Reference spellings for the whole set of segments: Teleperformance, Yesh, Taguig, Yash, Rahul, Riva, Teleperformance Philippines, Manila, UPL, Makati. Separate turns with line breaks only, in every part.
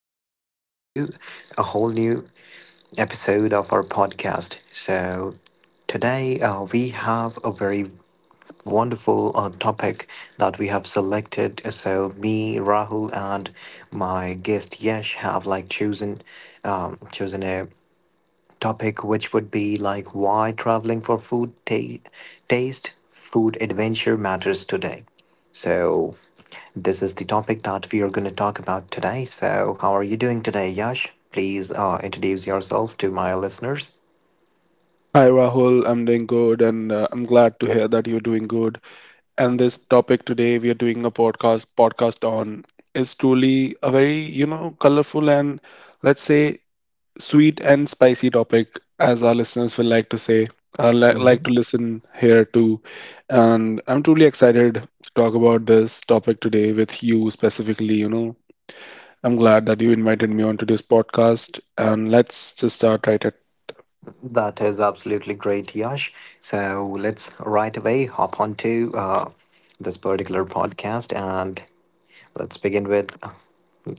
in back onto a whole new episode of our podcast. So, today we have a very wonderful topic that we have selected. So, me, Rahul, and my guest Yesh have like chosen chosen a topic, which would be like why traveling for food taste, food adventure matters today. So, this is the topic that we are going to talk about today. So, how are you doing today, Yash? Please introduce yourself to my listeners.
Hi Rahul, I'm doing good and I'm glad to hear that you're doing good. And this topic today we are doing a podcast on is truly a very, you know, colorful and let's say sweet and spicy topic as our listeners will like to say, like
Mhm.
to listen here too. And I'm truly excited to talk about this topic today with you specifically, you know. I'm glad that you invited me onto this podcast and let's just start right at.
That is absolutely great, Yash. So, let's right away hop onto this particular podcast. And let's begin with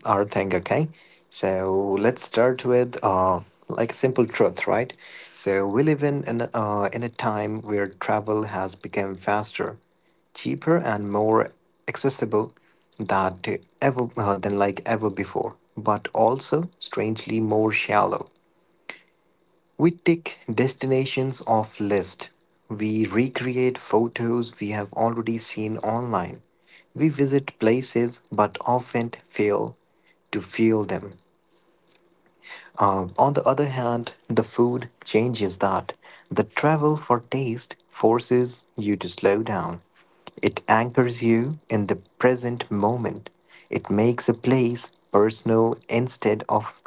our thing, okay? So let's start with like simple truth, right? So we live in a time where travel has become faster, cheaper, and more accessible that ever than like ever before, but also strangely more shallow. We tick destinations off list. We recreate photos we have already seen online. We visit places but often fail to feel them. On the other hand, the food changes that. The travel for taste forces you to slow down. It anchors you in the present moment. It makes a place personal instead of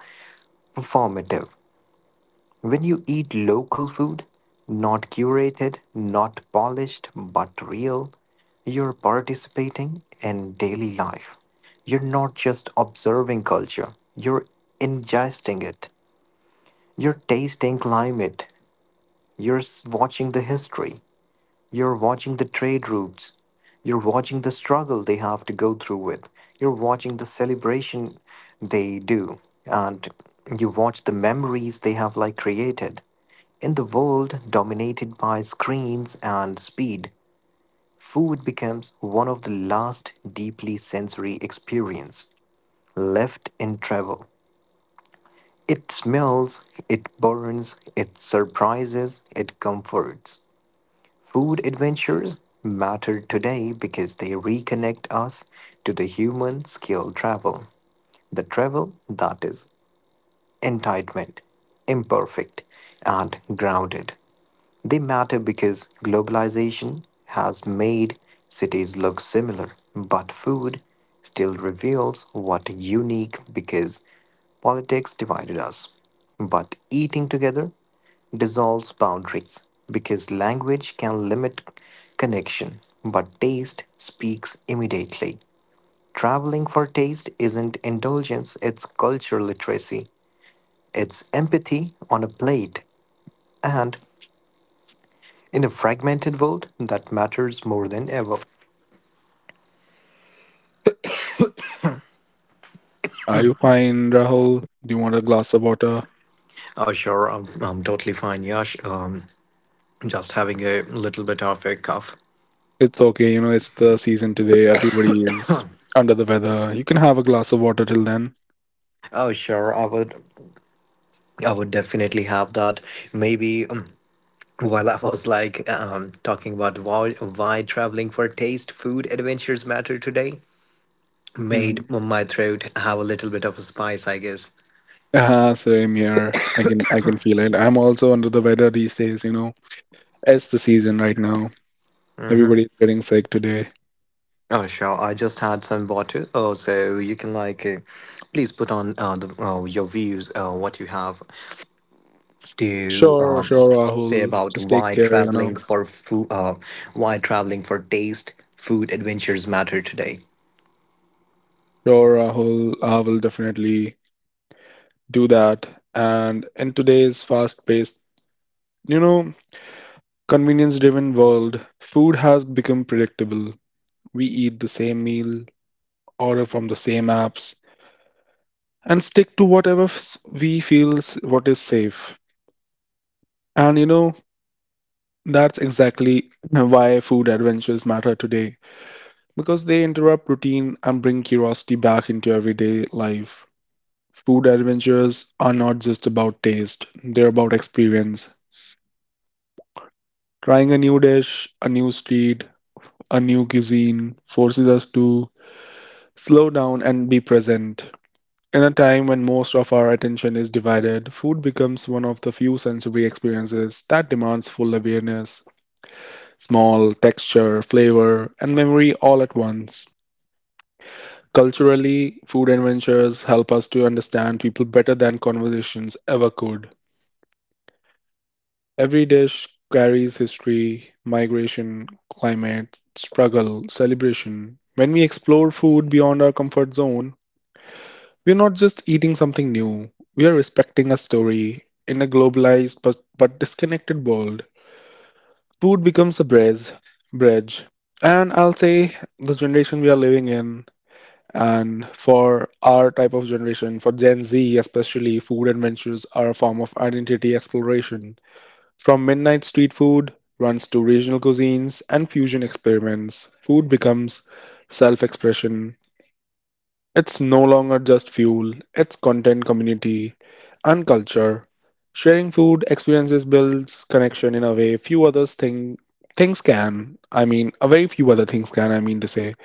performative. When you eat local food, not curated, not polished, but real, you're participating in daily life. You're not just observing culture, you're ingesting it. You're tasting climate, you're watching the history, you're watching the trade routes. You're watching the struggle they have to go through with. You're watching the celebration they do. And you watch the memories they have like created. In the world dominated by screens and speed, food becomes one of the last deeply sensory experience left in travel. It smells, it burns, it surprises, it comforts. Food adventures matter today because they reconnect us to the human skill travel, the travel that is entitlement, imperfect, and grounded. They matter because globalization has made cities look similar, but food still reveals what unique because politics divided us. But eating together dissolves boundaries because language can limit connection, but taste speaks immediately. Traveling for taste isn't indulgence, it's cultural literacy. It's empathy on a plate, and in a fragmented world, that matters more than ever.
Are you fine, Rahul? Do you want a glass of water?
Oh, sure, I'm totally fine, Yash. Just having a little bit of a cough.
It's okay, you know, it's the season today. Everybody is under the weather. You can have a glass of water till then.
Oh, sure, I would definitely have that. Maybe while I was like talking about why traveling for taste, food, adventures matter today, made
hmm
my throat have a little bit of a spice, I guess.
Same here. I can feel it. I'm also under the weather these days, you know. It's the season right now.
Mm-hmm.
Everybody's getting sick today.
Oh, sure. I just had some water. Oh, so you can like, please put on your views, what you have to
Sure, sure,
say
Rahul.
about
Just take
why
care, you
traveling
know.
for food, why traveling for taste, food adventures matter today.
Sure, Rahul, I will definitely do that. And in today's fast-paced, you know, convenience-driven world, food has become predictable. We eat the same meal, order from the same apps, and stick to we what is safe. And you know, that's exactly why food adventures matter today, because they interrupt routine and bring curiosity back into everyday life. Food adventures are not just about taste, they're about experience. Trying a new dish, a new street, a new cuisine forces us to slow down and be present. In a time when most of our attention is divided, food becomes one of the few sensory experiences that demands full awareness, smell, texture, flavor, and memory all at once. Culturally, food adventures help us to understand people better than conversations ever could. Every dish carries history, migration, climate, struggle, celebration. When we explore food beyond our comfort zone, we're not just eating something new, we are respecting a story in a globalized but disconnected world. Food becomes a bridge. And I'll say the generation we are living in, and for our type of generation, for Gen Z especially, food adventures are a form of identity exploration. From midnight street food runs to regional cuisines and fusion experiments, food becomes self expression. It's no longer just fuel, it's content, community, and culture. Sharing food experiences builds connection in a way few others think things can. I mean, a very few other things can, I mean to say.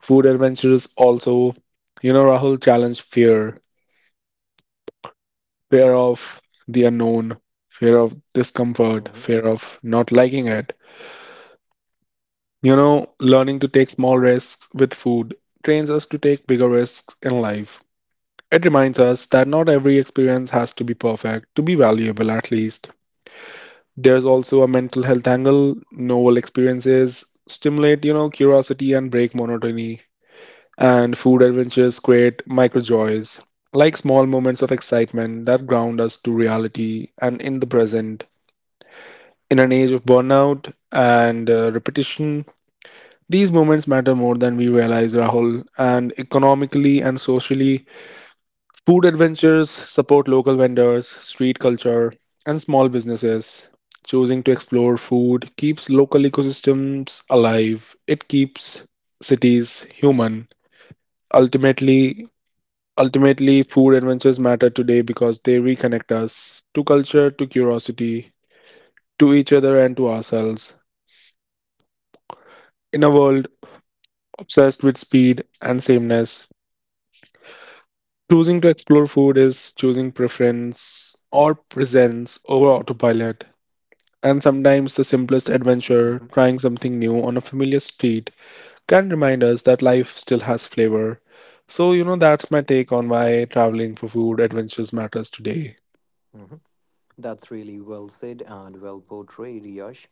Food adventures also, you know, Rahul, challenge fear, fear of the unknown, fear of discomfort,
Hmm
fear of not liking it. You know, learning to take small risks with food trains us to take bigger risks in life. It reminds us that not every experience has to be perfect to be valuable, at least. There's also a mental health angle. Novel experiences stimulate, you know, curiosity and break monotony. And food adventures create micro joys, like small moments of excitement that ground us to reality and in the present. In an age of burnout and repetition, these moments matter more than we realize, Rahul. And economically and socially, food adventures support local vendors, street culture, and small businesses. Choosing to explore food keeps local ecosystems alive. It keeps cities human. Ultimately, ultimately, food adventures matter today because they reconnect us to culture, to curiosity, to each other, and to ourselves. In a world obsessed with speed and sameness, choosing to explore food is choosing preference or presence over autopilot. And sometimes the simplest adventure,
hmm
trying something new on a familiar street, can remind us that life still has flavor. So, you know, that's my take on why traveling for food adventures matters today.
hmm That's really well said and well portrayed, Yash.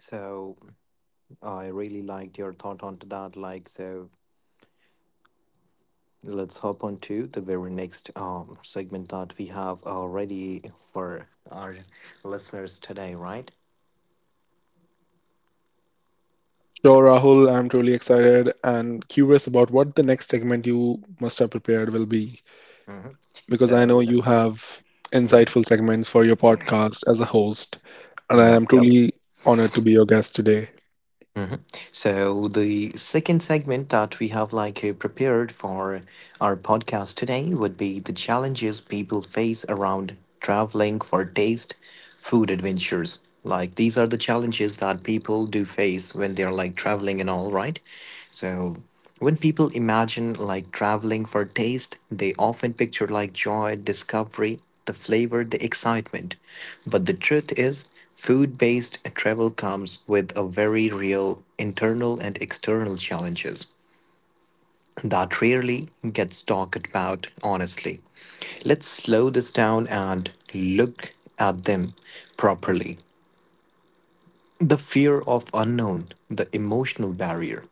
So I really liked your thought onto that. Like so, let's hop on to the very next segment that we have already for our listeners today, right?
Sure, Rahul, I'm truly excited and curious about what the next segment you must have prepared will be,
hmm
because I know
So,
you have
mhm.
insightful segments for your podcast as a host, and I
Yep,
am
yep.
truly honored to be your guest today.
Mhm. So the second segment that we have like prepared for our podcast today would be the challenges people face around traveling for taste food adventures. Like these are the challenges that people do face when they're like traveling and all, right? So when people imagine like traveling for taste, they often picture like joy, discovery, the flavor, the excitement. But the truth is food based travel comes with a very real internal and external challenges that rarely gets talked about honestly. Let's slow this down and look at them properly. The fear of unknown, the emotional barrier.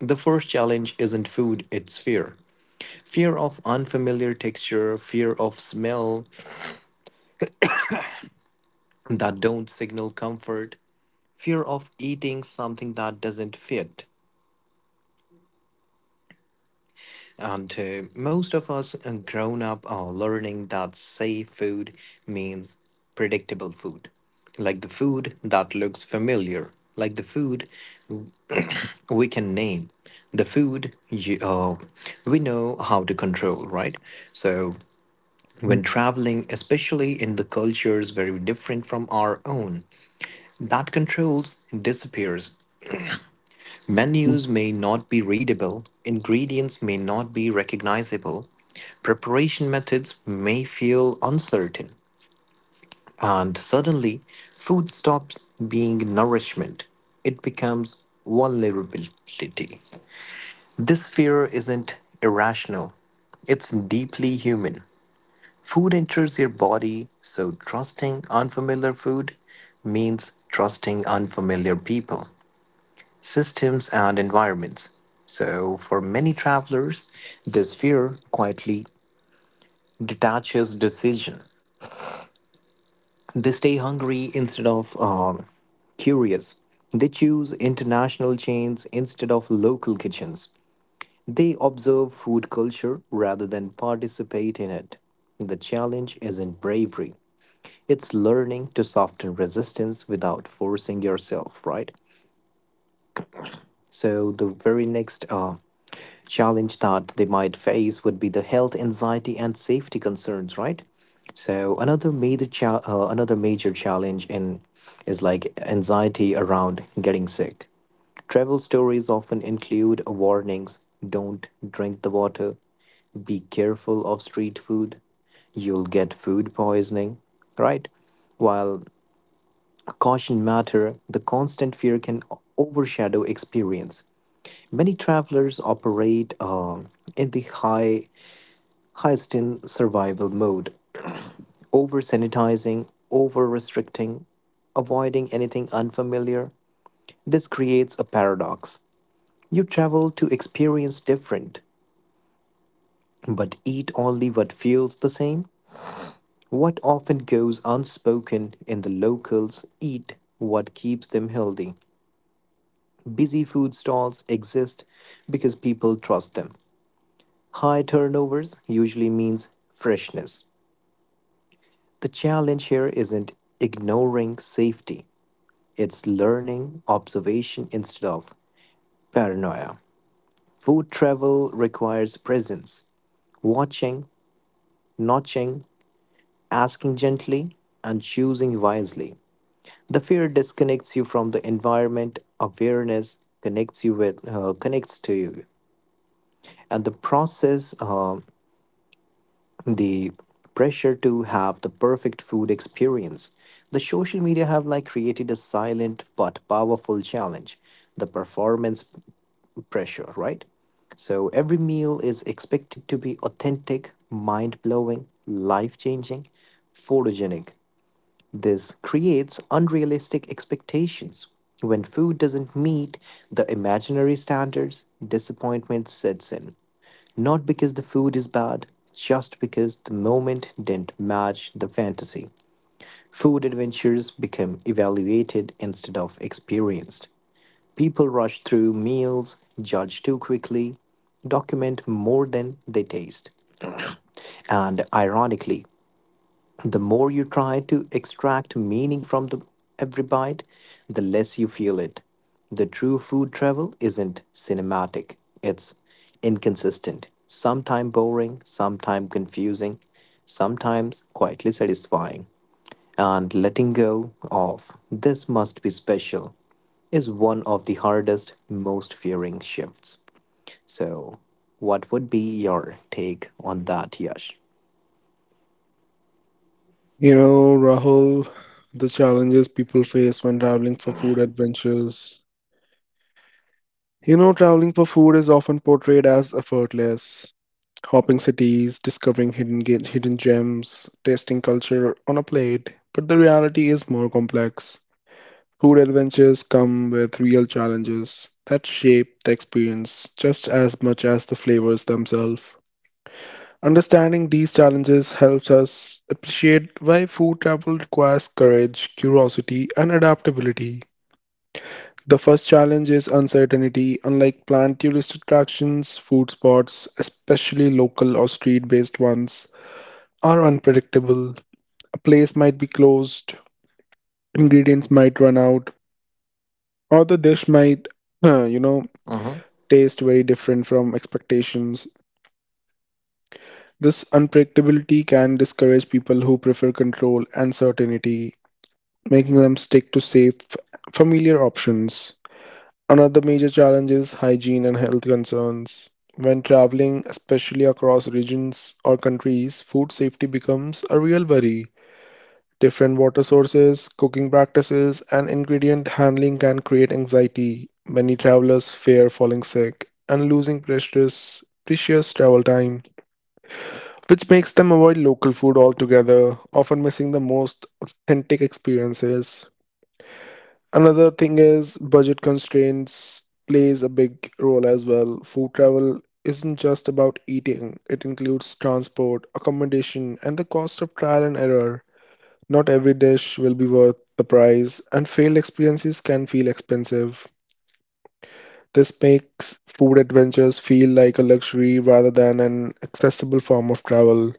The first challenge isn't food, it's fear. Fear of unfamiliar texture, fear of smell that don't signal comfort, fear of eating something that doesn't fit, and most of us grown up are learning that safe food means predictable food. Like the food that looks familiar, like the food w- we can name, the food we know how to control, right? So, when traveling, especially in the cultures very different from our own, that controls disappears. Menus may not be readable, ingredients may not be recognizable, preparation methods may feel uncertain, and suddenly food stops being nourishment. It becomes vulnerability. This fear isn't irrational, it's deeply human. Food enters your body, so trusting unfamiliar food means trusting unfamiliar people systems, and environments. So, for many travelers, this fear quietly detaches decision. They stay hungry instead of curious. They choose international chains instead of local kitchens. They observe food culture rather than participate in it. The challenge isn't bravery, it's learning to soften resistance without forcing yourself, right? So the very next challenge that they might face would be the health anxiety and safety concerns, right? So another another major challenge in is like anxiety around getting sick. Travel stories often include warnings: don't drink the water, be careful of street food, you'll get food poisoning, right? While caution matter, the constant fear can overshadow experience. Many travelers operate in the highest in survival mode, over sanitizing, over restricting, avoiding anything unfamiliar. This creates a paradox. You travel to experience different, but eat only what feels the same. What often goes unspoken in the locals eat what keeps them healthy. Busy food stalls exist because people trust them. High turnovers usually means freshness. The challenge here isn't ignoring safety, it's learning observation instead of paranoia. Food travel requires presence, watching, notching, asking gently, and choosing wisely. The fear disconnects you from the environment, awareness connects you with connects to you. And the pressure to have the perfect food experience the social media have like created a silent but powerful challenge the pressure, right? So every meal is expected to be authentic mind blowing life changing photogenic. This creates unrealistic expectations. When food doesn't meet the imaginary standards, disappointment sets in. Not because the food is bad, just because the moment didn't match the fantasy. Food adventures become evaluated instead of experienced. People rush through meals, judge too quickly, document more than they taste. And ironically, the more you try to extract meaning from every bite, the less you feel it. The true food travel isn't cinematic, it's inconsistent, sometimes boring, sometimes confusing, sometimes quietly satisfying. And letting go of this must be special is one of the hardest, most fearing shifts. So, what would be your take on that, Yash?
You know, Rahul, the challenges people face when traveling for food adventures. You know, traveling for food is often portrayed as effortless. Hopping cities, discovering hidden gems, tasting culture on a plate. But the reality is more complex. Food adventures come with real challenges that shape the experience just as much as the flavors themselves. Understanding these challenges helps us appreciate why food travel requires courage, curiosity, and adaptability. The first challenge is uncertainty. Unlike planned tourist attractions, food spots, especially local or street based ones, are unpredictable. A place might be closed, ingredients might run out, or the dish might, you know,
Hmm
taste very different from expectations. This unpredictability can discourage people who prefer control and certainty, making them stick to safe, familiar options. Another major challenge is hygiene and health concerns. When traveling, especially across regions or countries, food safety becomes a real worry. Different water sources, cooking practices, and ingredient handling can create anxiety. Many travelers fear falling sick and losing precious travel time, which makes them avoid local food altogether, often missing the most authentic experiences. Another thing is budget constraints plays a big role as well. Food travel isn't just about eating, it includes transport, accommodation, and the cost of trial and error. Not every dish will be worth the price, and failed experiences can feel expensive. This makes food adventures feel like a luxury rather than an accessible form of travel.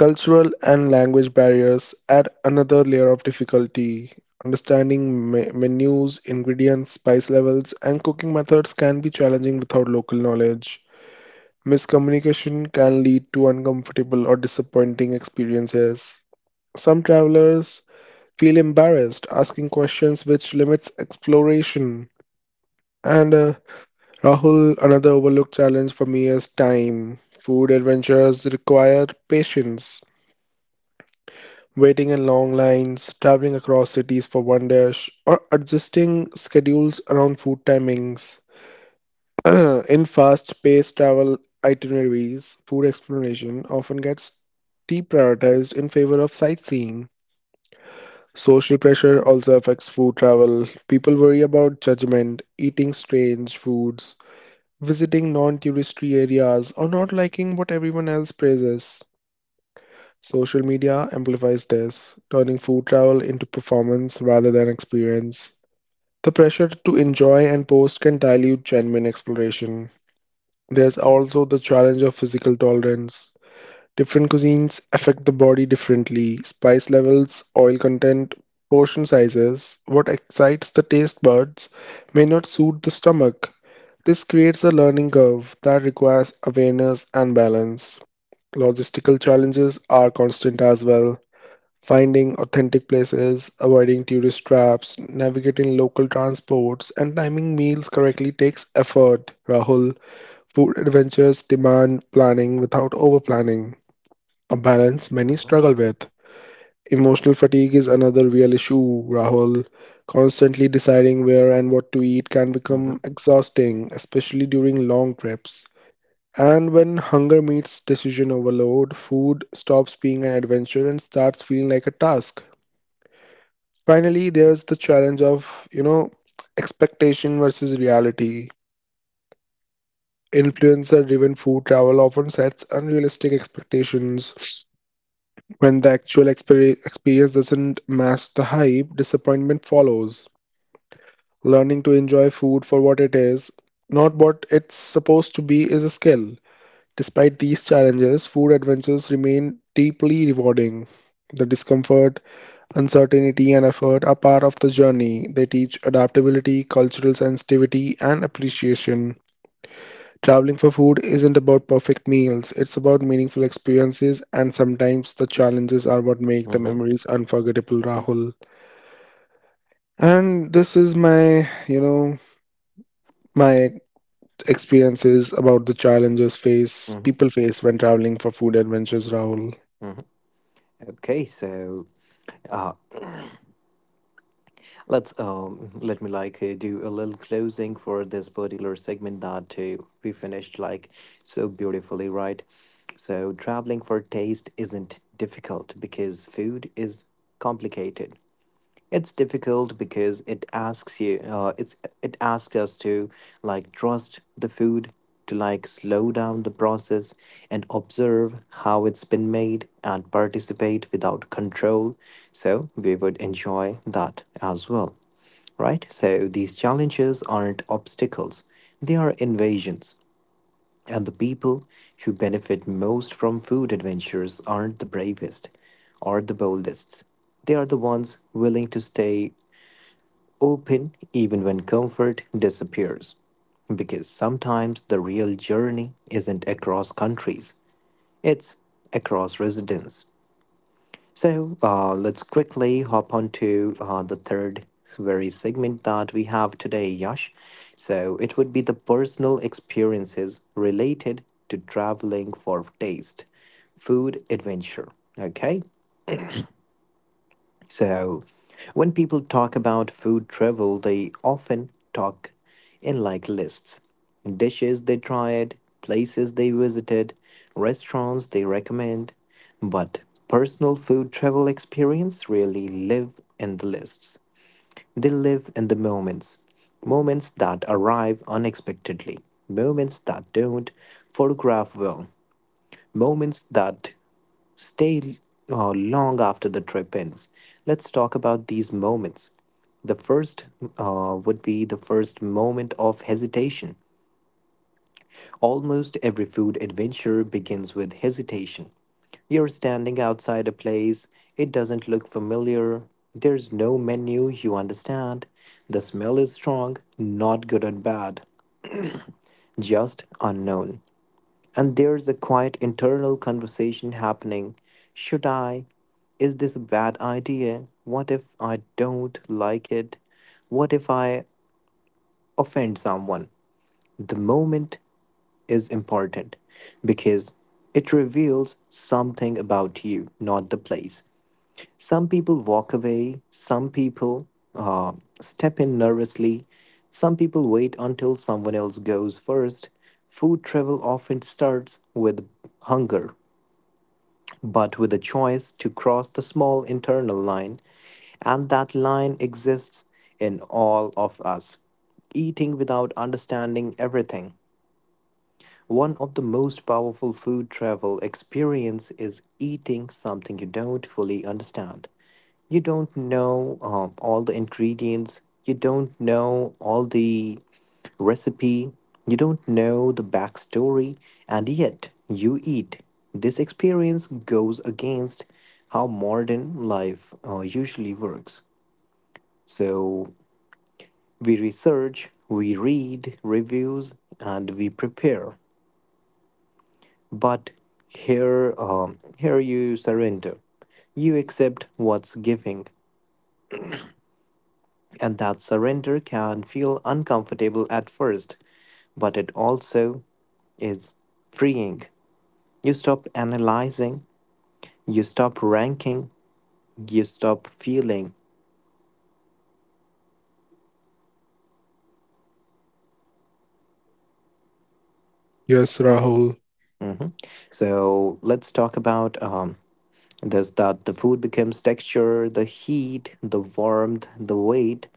Cultural and language barriers add another layer of difficulty. Understanding menus, ingredients, spice levels, and cooking methods can be challenging without local knowledge. Miscommunication can lead to uncomfortable or disappointing experiences. Some travelers feel embarrassed asking questions, which limits exploration. And Rahul, another overlooked challenge for me is time. Food adventures require patience, waiting in long lines, traveling across cities for one dish, or adjusting schedules around food timings. In fast paced travel itineraries, food exploration often gets deprioritized in favor of sightseeing. Social pressure also affects food travel. People worry about judgment, eating strange foods, visiting non touristy areas, or not liking what everyone else praises. Social media amplifies this, turning food travel into performance rather than experience. The pressure to enjoy and post can dilute genuine exploration. There's also the challenge of physical tolerance. Different cuisines affect the body differently. Spice levels, oil content, portion sizes, what excites the taste buds may not suit the stomach. This creates a learning curve that requires awareness and balance. Logistical challenges are constant as well. Finding authentic places, avoiding tourist traps, navigating local transports, and timing meals correctly takes effort, Rahul. Food adventures demand planning without over planning, a balance many
Mm-hmm.
struggle with. Emotional fatigue is another real issue, Rahul. Constantly deciding where and what to eat can become exhausting, especially during long trips. And when hunger meets decision overload, food stops being an adventure and starts feeling like a task. Finally, there's the challenge of, you know, expectation versus reality. Influencer-driven food travel often sets unrealistic expectations. When the actual experience doesn't match the hype, disappointment follows. Learning to enjoy food for what it is, not what it's supposed to be, is a skill. Despite these challenges, food adventures remain deeply rewarding. The discomfort, uncertainty and effort are part of the journey. They teach adaptability, cultural sensitivity, and appreciation. Traveling for food isn't about perfect meals, it's about meaningful experiences, and sometimes the challenges are what make the
Mm-hmm.
memories unforgettable, Rahul. And this is my, you know, my experiences about the challenges face
Mm-hmm.
people face when traveling for food adventures, Rahul.
Mhm. Okay, so uh, let me like do a little closing for this particular segment that we finished like so beautifully, right? So traveling for taste isn't difficult because food is complicated. It's difficult because it asks us to like trust the food, to like slow down the process and observe how it's been made and participate without control. So we would enjoy that as well, right? So these challenges aren't obstacles; they are invasions. And the people who benefit most from food adventures aren't the bravest or the boldest. They are the ones willing to stay open even when comfort disappears. Because sometimes the real journey isn't across countries, it's across residents. So let's quickly hop on to the third very segment that we have today, Yash. So it would be the personal experiences related to traveling for taste, food adventure. Okay, so, when people talk about food travel, they often talk in like lists dishes they tried, places they visited, restaurants they recommend. But personal food travel experience really live in the lists. They live in the moments. Moments that arrive unexpectedly. Moments that don't photograph well. Moments that stay long after the trip ends. Let's talk about these moments. The first would be the first moment of hesitation. Almost every food adventure begins with hesitation. You're standing outside a place, it doesn't look familiar, there's no menu, you understand. The smell is strong, not good and bad, just unknown. And there's a quiet internal conversation happening. Should I? Is this a bad idea? What if I don't like it? What if I offend someone? The moment is important because it reveals something about you, not the place. Some people walk away, some people uh, step in nervously, some people wait until someone else goes first. Food travel often starts with hunger but with a choice to cross the small internal line, and that line exists in all of us. Eating without understanding everything, one of the most powerful food travel experience is eating something you don't fully understand. You don't know all the ingredients, you don't know all the recipe, you don't know the backstory, and yet you eat. This experience goes against how modern life usually works. So we research, we read reviews, and we prepare. But here you surrender. You accept what's giving, and that surrender can feel uncomfortable at first, but it also is freeing. You stop analyzing, you stop ranking, you stop feeling.
Yes, Rahul.
Mhm. So let's talk about thus, that the food becomes texture, the heat, the warmth, the weight,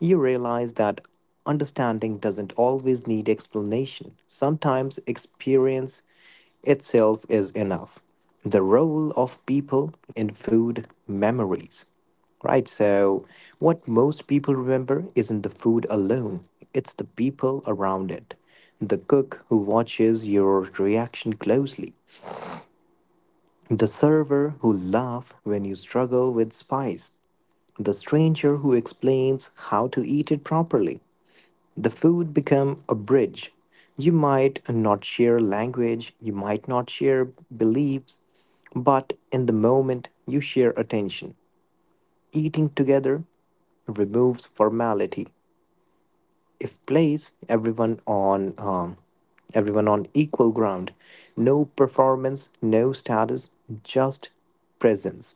you realize that understanding doesn't always need explanation. Sometimes experience itself is enough. The role of people in food memories. Right, so what most people remember isn't the food alone, it's the people around it. The cook who watches your reaction closely, the server who laughs when you struggle with spice. The stranger who explains how to eat it properly. The food become a bridge. You might not share language, you might not share beliefs, but in the moment you share attention. Eating together removes formality. If place everyone on equal ground, no performance, no status, just presence.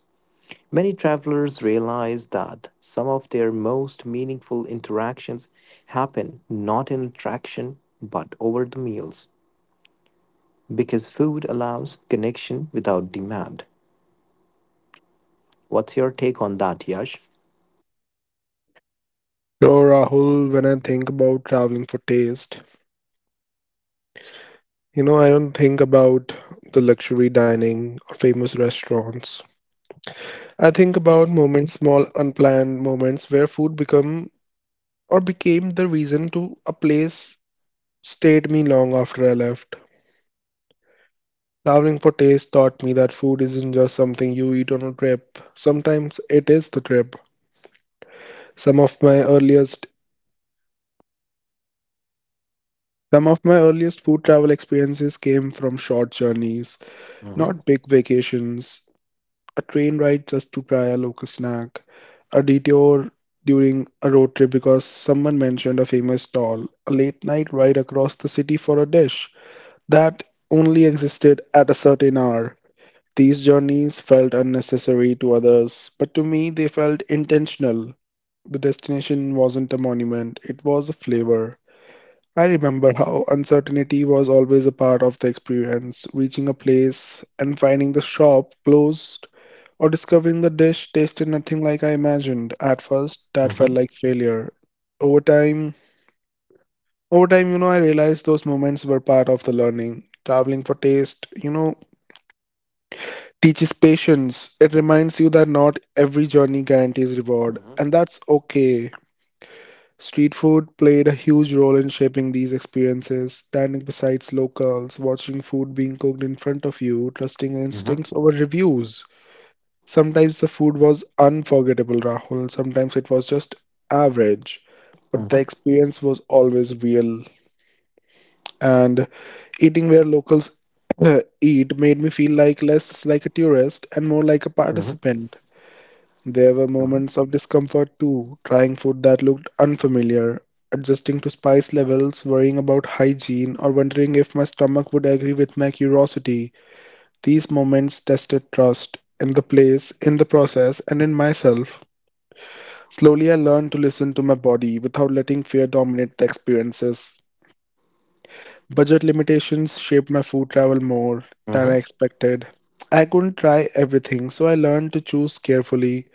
Many travelers realize that some of their most meaningful interactions happen not in attraction but over the meals because food allows connection without demand. What's your take on that, Yash?
So, Rahul, when I think about traveling for taste, you know, I don't think about the luxury dining or famous restaurants. I think about moments, small unplanned moments where food become or became the reason to a place stayed me long after I left. Traveling for taste taught me that food isn't just something you eat on a trip. Sometimes it is the trip. Some of my earliest some of my earliest food travel experiences came from short journeys,
Mhm,
not big vacations. A train ride just to try a local snack, a detour during a road trip because someone mentioned a famous stall, a late night ride across the city for a dish that only existed at a certain hour. These journeys felt unnecessary to others, but to me they felt intentional. The destination wasn't a monument, it was a flavor. I remember how uncertainty was always a part of the experience, reaching a place and finding the shop closed or discovering the dish tasted nothing like I imagined. At first, that felt
mhm,
like failure. Over time, over time, you know, I realized those moments were part of the learning. Traveling for taste, you know, teaches patience. It reminds you that not every journey guarantees reward,
mhm,
and that's okay. Street food played a huge role in shaping these experiences, standing beside locals, watching food being cooked in front of you, trusting your
mhm,
instincts over reviews. Sometimes the food was unforgettable, Rahul, sometimes it was just average, but the
mhm,
experience was always real. And eating where locals eat made me feel like less like a tourist and more like a
mhm,
participant. There were
mhm,
moments of discomfort too, trying food that looked unfamiliar, adjusting to spice levels, worrying about hygiene, or wondering if my stomach would agree with my curiosity. These moments tested trust in the place, in the process, and in myself. Slowly, I learned to listen to my body without letting fear dominate the experiences. Budget limitations shaped my food travel more than I
mhm,
expected. I couldn't try everything, so I learned to choose carefully.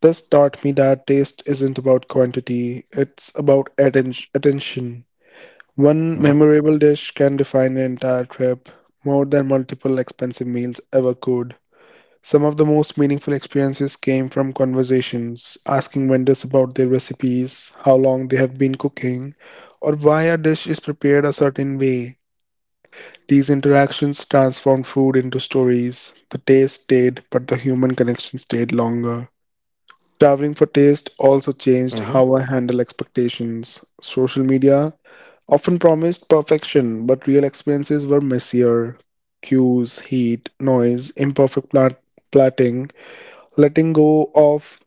This taught me that taste isn't about quantity, it's about attention. One
mhm,
memorable dish can define an entire trip, more than multiple expensive meals ever could. Some of the most meaningful experiences came from conversations, asking vendors about their recipes, how long they have been cooking, or why a dish is prepared a certain way. These interactions transformed food into stories. The taste stayed, but the human connection stayed longer. Traveling for taste also changed
mhm,
how I handle expectations. Social media often promised perfection, but real experiences were messier. Cues, heat, noise, imperfect plating, letting go of,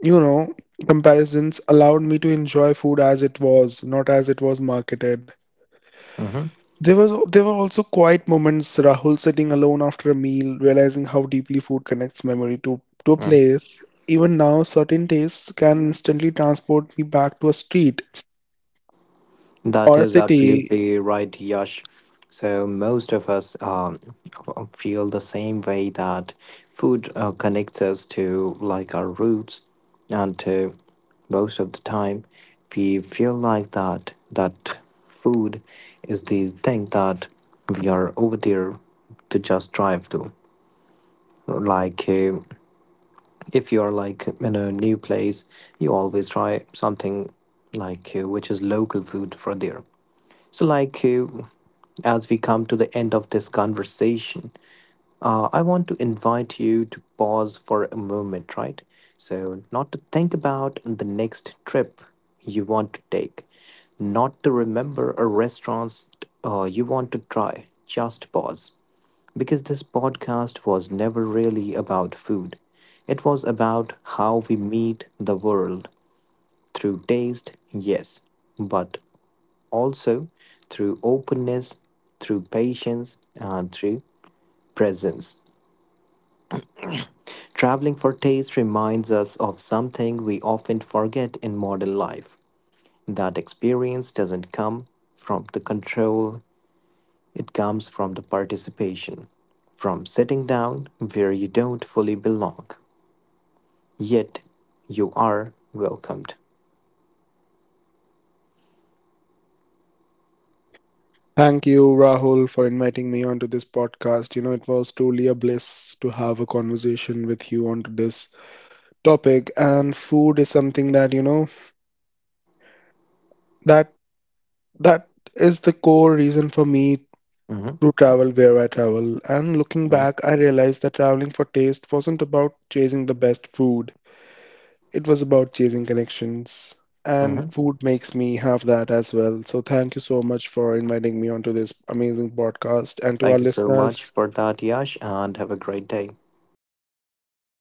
you know, comparisons allowed me to enjoy food as it was, not as it was marketed.
mhm.
There were also quiet moments, Rahul, sitting alone after a meal, realizing how deeply food connects memory to a place. Even now, certain tastes can instantly transport me back to a street
That
or a
is
city.
absolutely right, Yash. So most of us feel the same way that food connects us to like our roots, and to most of the time, we feel like that food is the thing that we are over there to just drive to. Like if you're like in a new place you always try something like which is local food for there. So like as we come to the end of this conversation, I want to invite you to pause for a moment, right? So not to think about the next trip you want to take, not to remember a restaurant you want to try, just pause, because this podcast was never really about food. It was about how we meet the world through taste, yes, but also through openness, through patience, and through presence. Traveling for taste reminds us of something we often forget in modern life, that experience doesn't come from the control, it comes from the participation, from sitting down where you don't fully belong, yet you are welcomed.
Thank you, Rahul, for inviting me onto this podcast. You know, it was truly a bliss to have a conversation with you onto this topic. And food is something that, you know, that that is the core reason for me
Hmm
to travel where I travel. And looking
hmm
back, I realized that traveling for taste wasn't about chasing the best food, it was about chasing connections. And
hmm
food makes me have that as well. So thank you so much for inviting me onto this amazing podcast. And to our
Thank you so much
listeners,
for that, Yash, and have a great day.